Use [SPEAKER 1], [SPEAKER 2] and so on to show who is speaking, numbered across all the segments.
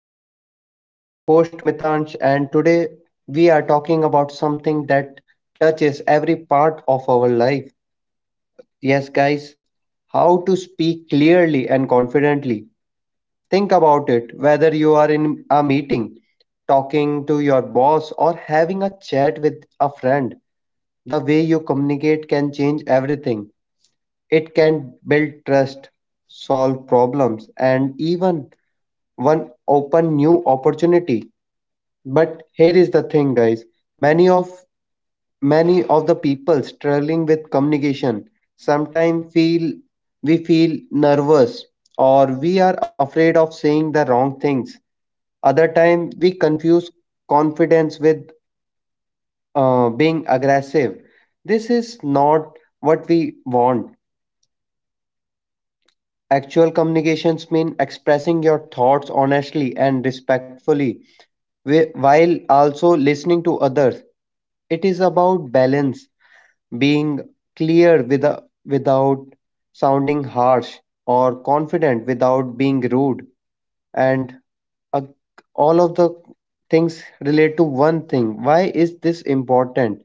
[SPEAKER 1] Confidence. I'm your host Mitansh, and today we are talking about something that touches every part of our life. Yes, guys, how to speak clearly and confidently. Think about it whether you are in a meeting, talking to your boss, or having a chat with a friend. The way you communicate can change everything. It can build trust, solve problems, and even one open new opportunity. But here is the thing, guys. Many of many of the people struggling with communication sometimes feel we feel nervous or we are afraid of saying the wrong things. Other time we confuse confidence with being aggressive. This is not what we want. Actual communications mean expressing your thoughts honestly and respectfully while also listening to others. It is about balance, being clear with, without sounding harsh or confident without being rude. And uh, all of the things relate to one thing. Why is this important?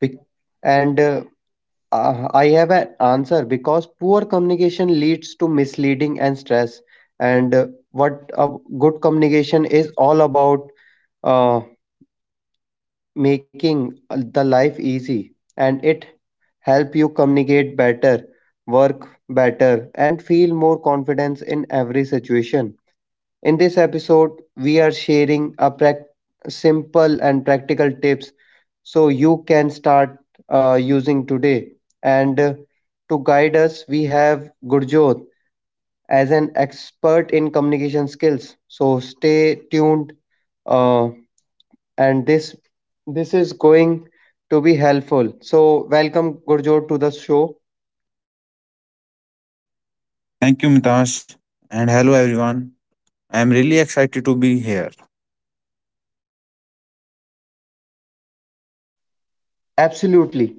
[SPEAKER 1] Bec- And I have an answer because poor communication leads to misleading and stress. And What a good communication is all about uh, making the life easy and it help you communicate better, work better, and feel more confidence in every situation. In this episode, we are sharing a simple and practical tips so you can start using today. And To guide us, we have Gurjot as an expert in communication skills. So stay tuned, uh, and this is going to be helpful. So welcome Gurjot to the show.
[SPEAKER 2] Thank you, Mitash. And hello, everyone. I am really excited to be here.
[SPEAKER 1] Absolutely.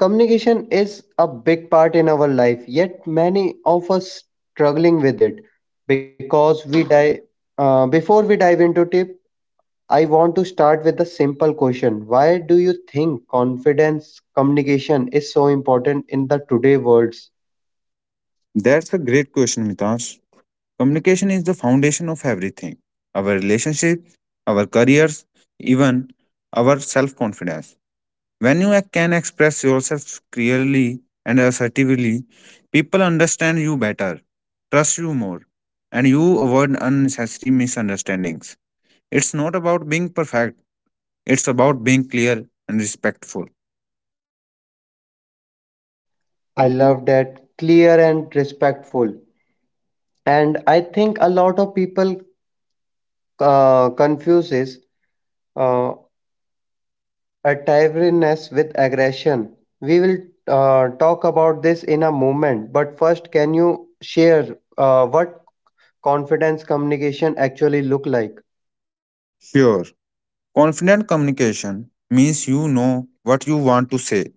[SPEAKER 1] Communication is a big part in our life, yet many of us struggling with it because we dive. Before we dive into tip, I want to start with a simple question. Why do you think confidence communication is so important in the today worlds?
[SPEAKER 2] That's a great question, Mitash. Communication is the foundation of everything: our relationships, our careers, even our self confidence. When you can express yourself clearly and assertively, people understand you better, trust you more, and you avoid unnecessary misunderstandings. It's not about being perfect, it's about being clear and respectful.
[SPEAKER 1] I love that clear and respectful. And I think a lot of people confuses uh, a tiredness with aggression. We will talk about this in a moment, but first, can you share what confidence communication actually look like?
[SPEAKER 2] Sure. Confident communication means you know what you want to say.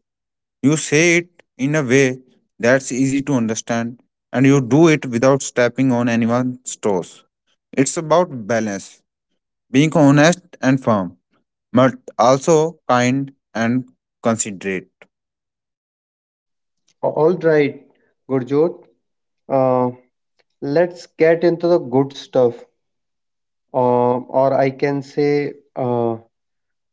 [SPEAKER 2] You say it in a way that's easy to understand and you do it without stepping on anyone's toes. It's about balance, being honest and firm, but also kind and considerate.
[SPEAKER 1] All right, Gurjot. Uh, let's get into the good stuff, uh, or I can say,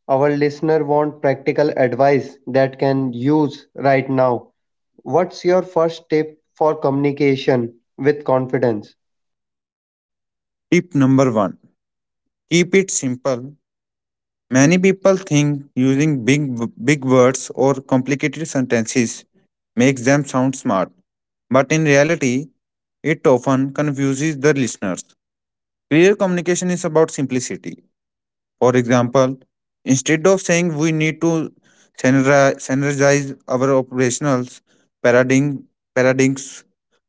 [SPEAKER 1] our listener want practical advice that can use right now. What's your first tip for communication with confidence?
[SPEAKER 2] Tip number one: keep it simple. Many people think using big words or complicated sentences makes them sound smart, but in reality, it often confuses the listeners. Clear communication is about simplicity. For example, instead of saying we need to synergize our operationals paradigm, paradigms,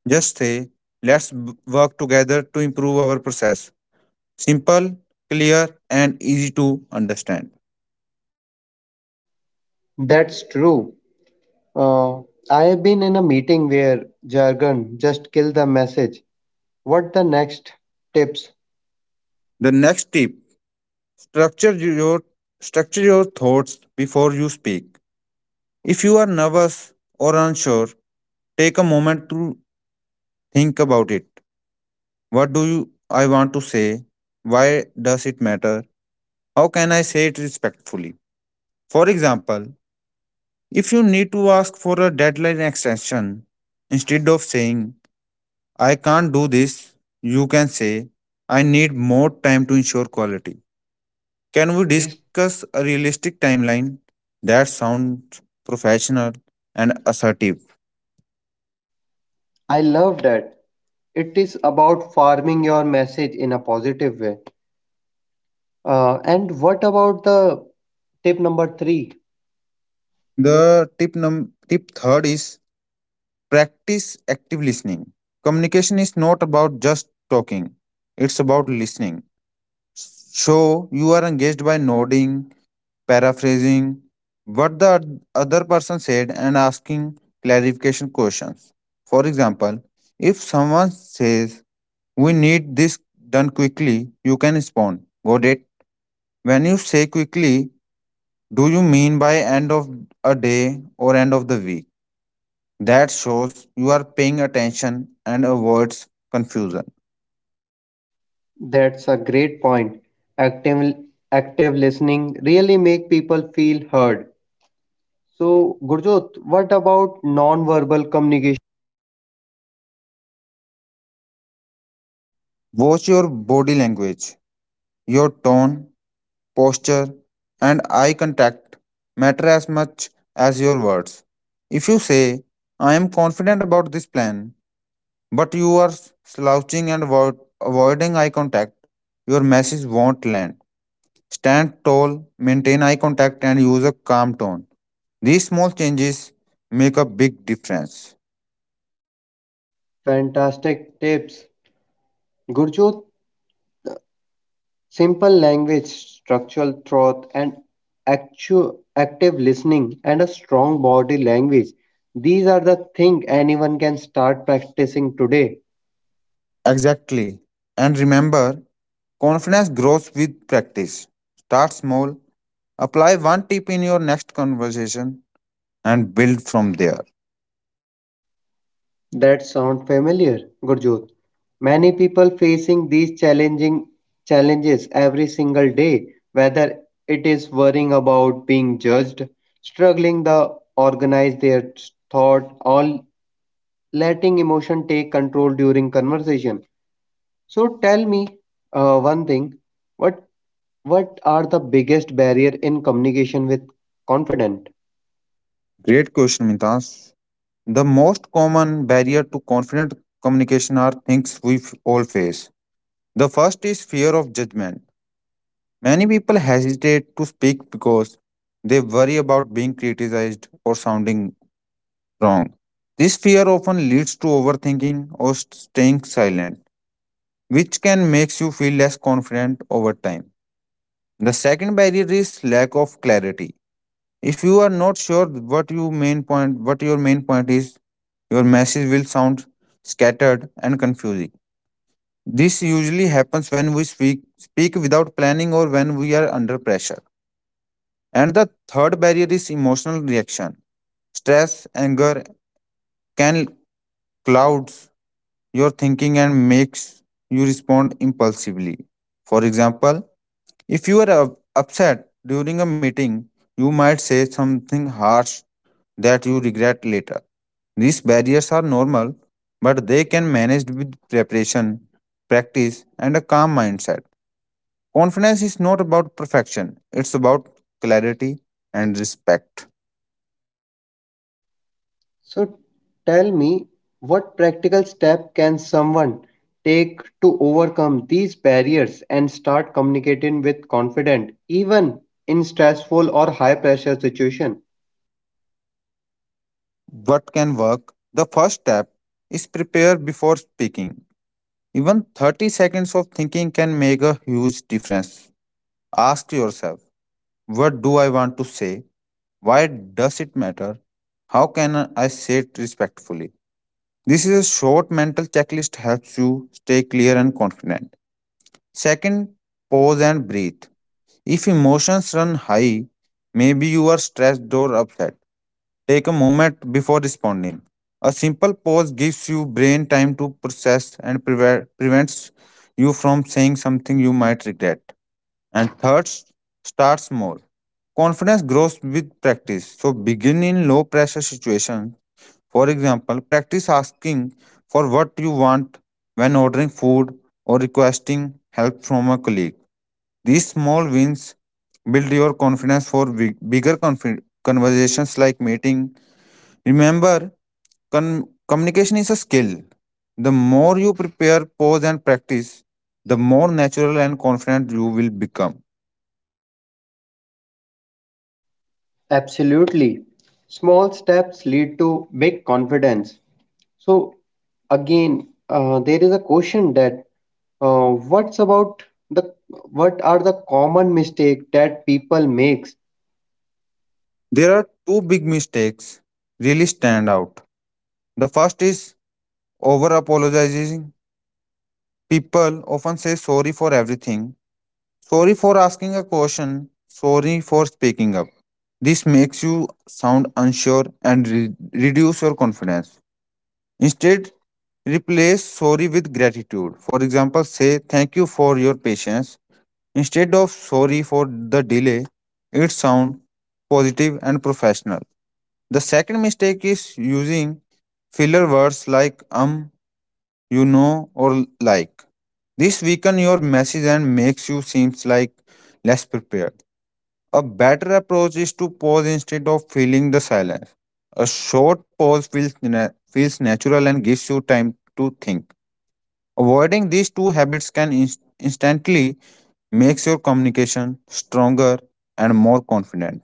[SPEAKER 2] just say let's work together to improve our process. Simple, clear, and easy to understand.
[SPEAKER 1] That's true. Uh, I have been in a meeting where jargon just killed the message. What the next tips?
[SPEAKER 2] The next tip: Structure your structure your thoughts before you speak. If you are nervous or unsure, take a moment to think about it. What do you I want to say? Why does it matter? How can I say it respectfully? For example, if you need to ask for a deadline extension, instead of saying I can't do this, you can say I need more time to ensure quality. Can
[SPEAKER 1] Can
[SPEAKER 2] we
[SPEAKER 1] we dis-
[SPEAKER 2] discuss a realistic timeline that sounds professional and assertive?
[SPEAKER 1] I love that. It is about farming your message in a positive way. And what about the tip number three?
[SPEAKER 2] The tip num tip third is practice active listening. Communication is not about just talking; it's about listening. So you are engaged by nodding, paraphrasing what the other person said, and asking clarification questions. For example, if someone says, we need this done quickly, you can respond, got it? When you say quickly, do you mean by end of a day or end of the week? That shows you are paying attention and avoids confusion.
[SPEAKER 1] That's a great point. Active, active listening really make people feel heard. So, Gurjot, what about non-verbal communication?
[SPEAKER 2] Watch your body language, your tone, posture, and eye contact matter as much as your words. If you say, I am confident about this plan, but you are slouching and avoiding eye contact, your message won't land. Stand tall, maintain eye contact, and use a calm tone. These small changes make a big difference.
[SPEAKER 1] Fantastic tips. Gurjot, simple language, structural thought, and active listening, and a strong body language. These are the things anyone can start practicing today.
[SPEAKER 2] Exactly. And remember, confidence grows with practice. Start small, apply one tip in your next conversation, and build from there.
[SPEAKER 1] That sound familiar, Gurjot? Many people facing these challenging challenges every single day, whether it is worrying about being judged, struggling to organize their thought, or letting emotion take control during conversation. So tell me one thing, what what are the biggest barrier in communication with confident?
[SPEAKER 2] Great question, Mitash. The most common barrier to confident communication are things we all face. The first is fear of judgment. Many people hesitate to speak because they worry about being criticized or sounding wrong. This fear often leads to overthinking or staying silent, which can make you feel less confident over time. The second barrier is lack of clarity. If you are not sure what your main point is, your message will sound scattered and confusing. This usually happens when we speak without planning or when we are under pressure. And the third barrier is emotional reaction. Stress, anger can clouds your thinking and makes you respond impulsively. For example, if you are upset during a meeting, you might say something harsh that you regret later. These barriers are normal, but they can managed with preparation, practice, and a calm mindset. Confidence is not about perfection, it's about clarity and respect.
[SPEAKER 1] So tell me what practical step can someone take to overcome these barriers and start communicating with confident even in stressful or high pressure situation?
[SPEAKER 2] What can work, the first step is prepare before speaking. Even 30 seconds of thinking can make a huge difference. Ask yourself, what do I want to say? Why does it matter? How can I say it respectfully? This is a short mental checklist helps you stay clear and confident. Second, pause and breathe. If emotions run high, maybe you are stressed or upset. Take a moment before responding. A simple pause gives you brain time to process and prevents you from saying something you might regret. And third, start small. Confidence grows with practice. So begin in low pressure situations. For example, practice asking for what you want when ordering food or requesting help from a colleague. These small wins build your confidence for bigger conversations like meeting. Remember, communication is a skill. The more you prepare, pause, and practice, the more natural and confident you will become.
[SPEAKER 1] Absolutely. Small steps lead to big confidence. So again, there is a question that what's about the what are the common mistake that people makes?
[SPEAKER 2] There are two big mistakes really stand out. The first is over apologizing. People often say sorry for everything, sorry for asking a question, sorry for speaking up. This makes you sound unsure and reduce your confidence. Instead, replace sorry with gratitude. For example, say thank you for your patience instead of sorry for the delay. It sounds positive and professional. The second mistake is using filler words like you know, or like. This weaken your message and makes you seems like less prepared. A better approach is to pause instead of filling the silence. A short pause feels natural and gives you time to think. Avoiding these two habits can instantly makes your communication stronger and more confident.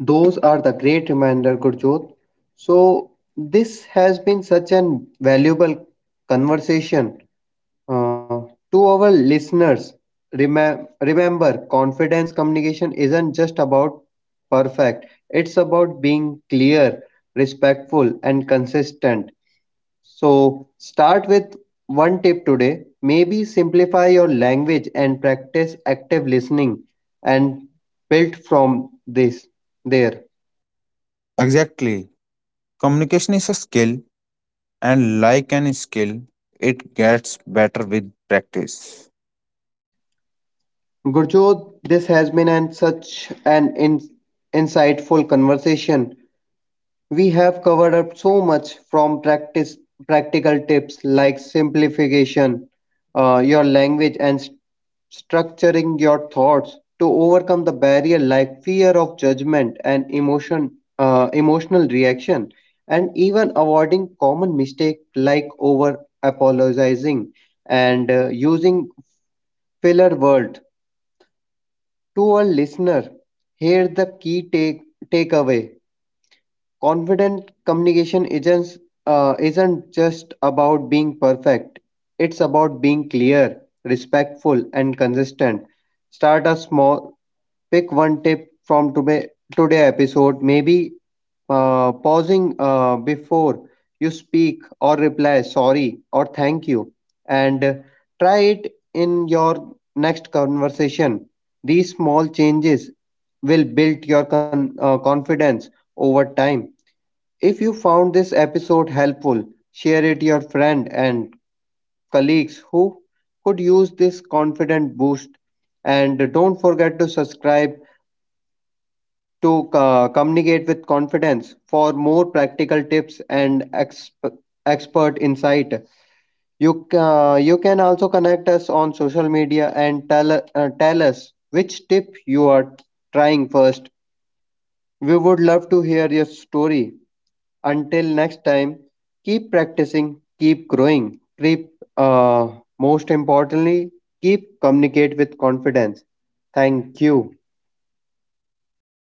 [SPEAKER 1] Those are the great reminder, Gurjot. So this has been such an valuable conversation. Uh, to our listeners, remember confidence communication isn't just about perfect, it's about being clear, respectful, and consistent. So, start with one tip today. Maybe simplify your language and practice active listening and build from this there.
[SPEAKER 2] Exactly. Communication is a skill and like any skill, it gets better with practice.
[SPEAKER 1] Gurjot, this has been such an insightful conversation. We have covered up so much from practical tips like simplification, your language, and structuring your thoughts to overcome the barrier like fear of judgment and emotion, emotional reaction, and even avoiding common mistake like over apologizing and using filler word. To our listener, here the key takeaway confident communication isn't just about being perfect, it's about being clear, respectful and consistent. Start a small, pick one tip from today episode, maybe pausing before you speak or reply sorry or thank you, and try it in your next conversation. These small changes will build your confidence over time. If you found this episode helpful, share it to your friend and colleagues who could use this confident boost. And don't forget to subscribe to communicate with confidence for more practical tips and expert insight. You can also connect us on social media and tell tell us which tip you are trying first. We would love to hear your story. Until next time, keep practicing, keep growing, keep, most importantly, keep communicate with confidence. Thank you.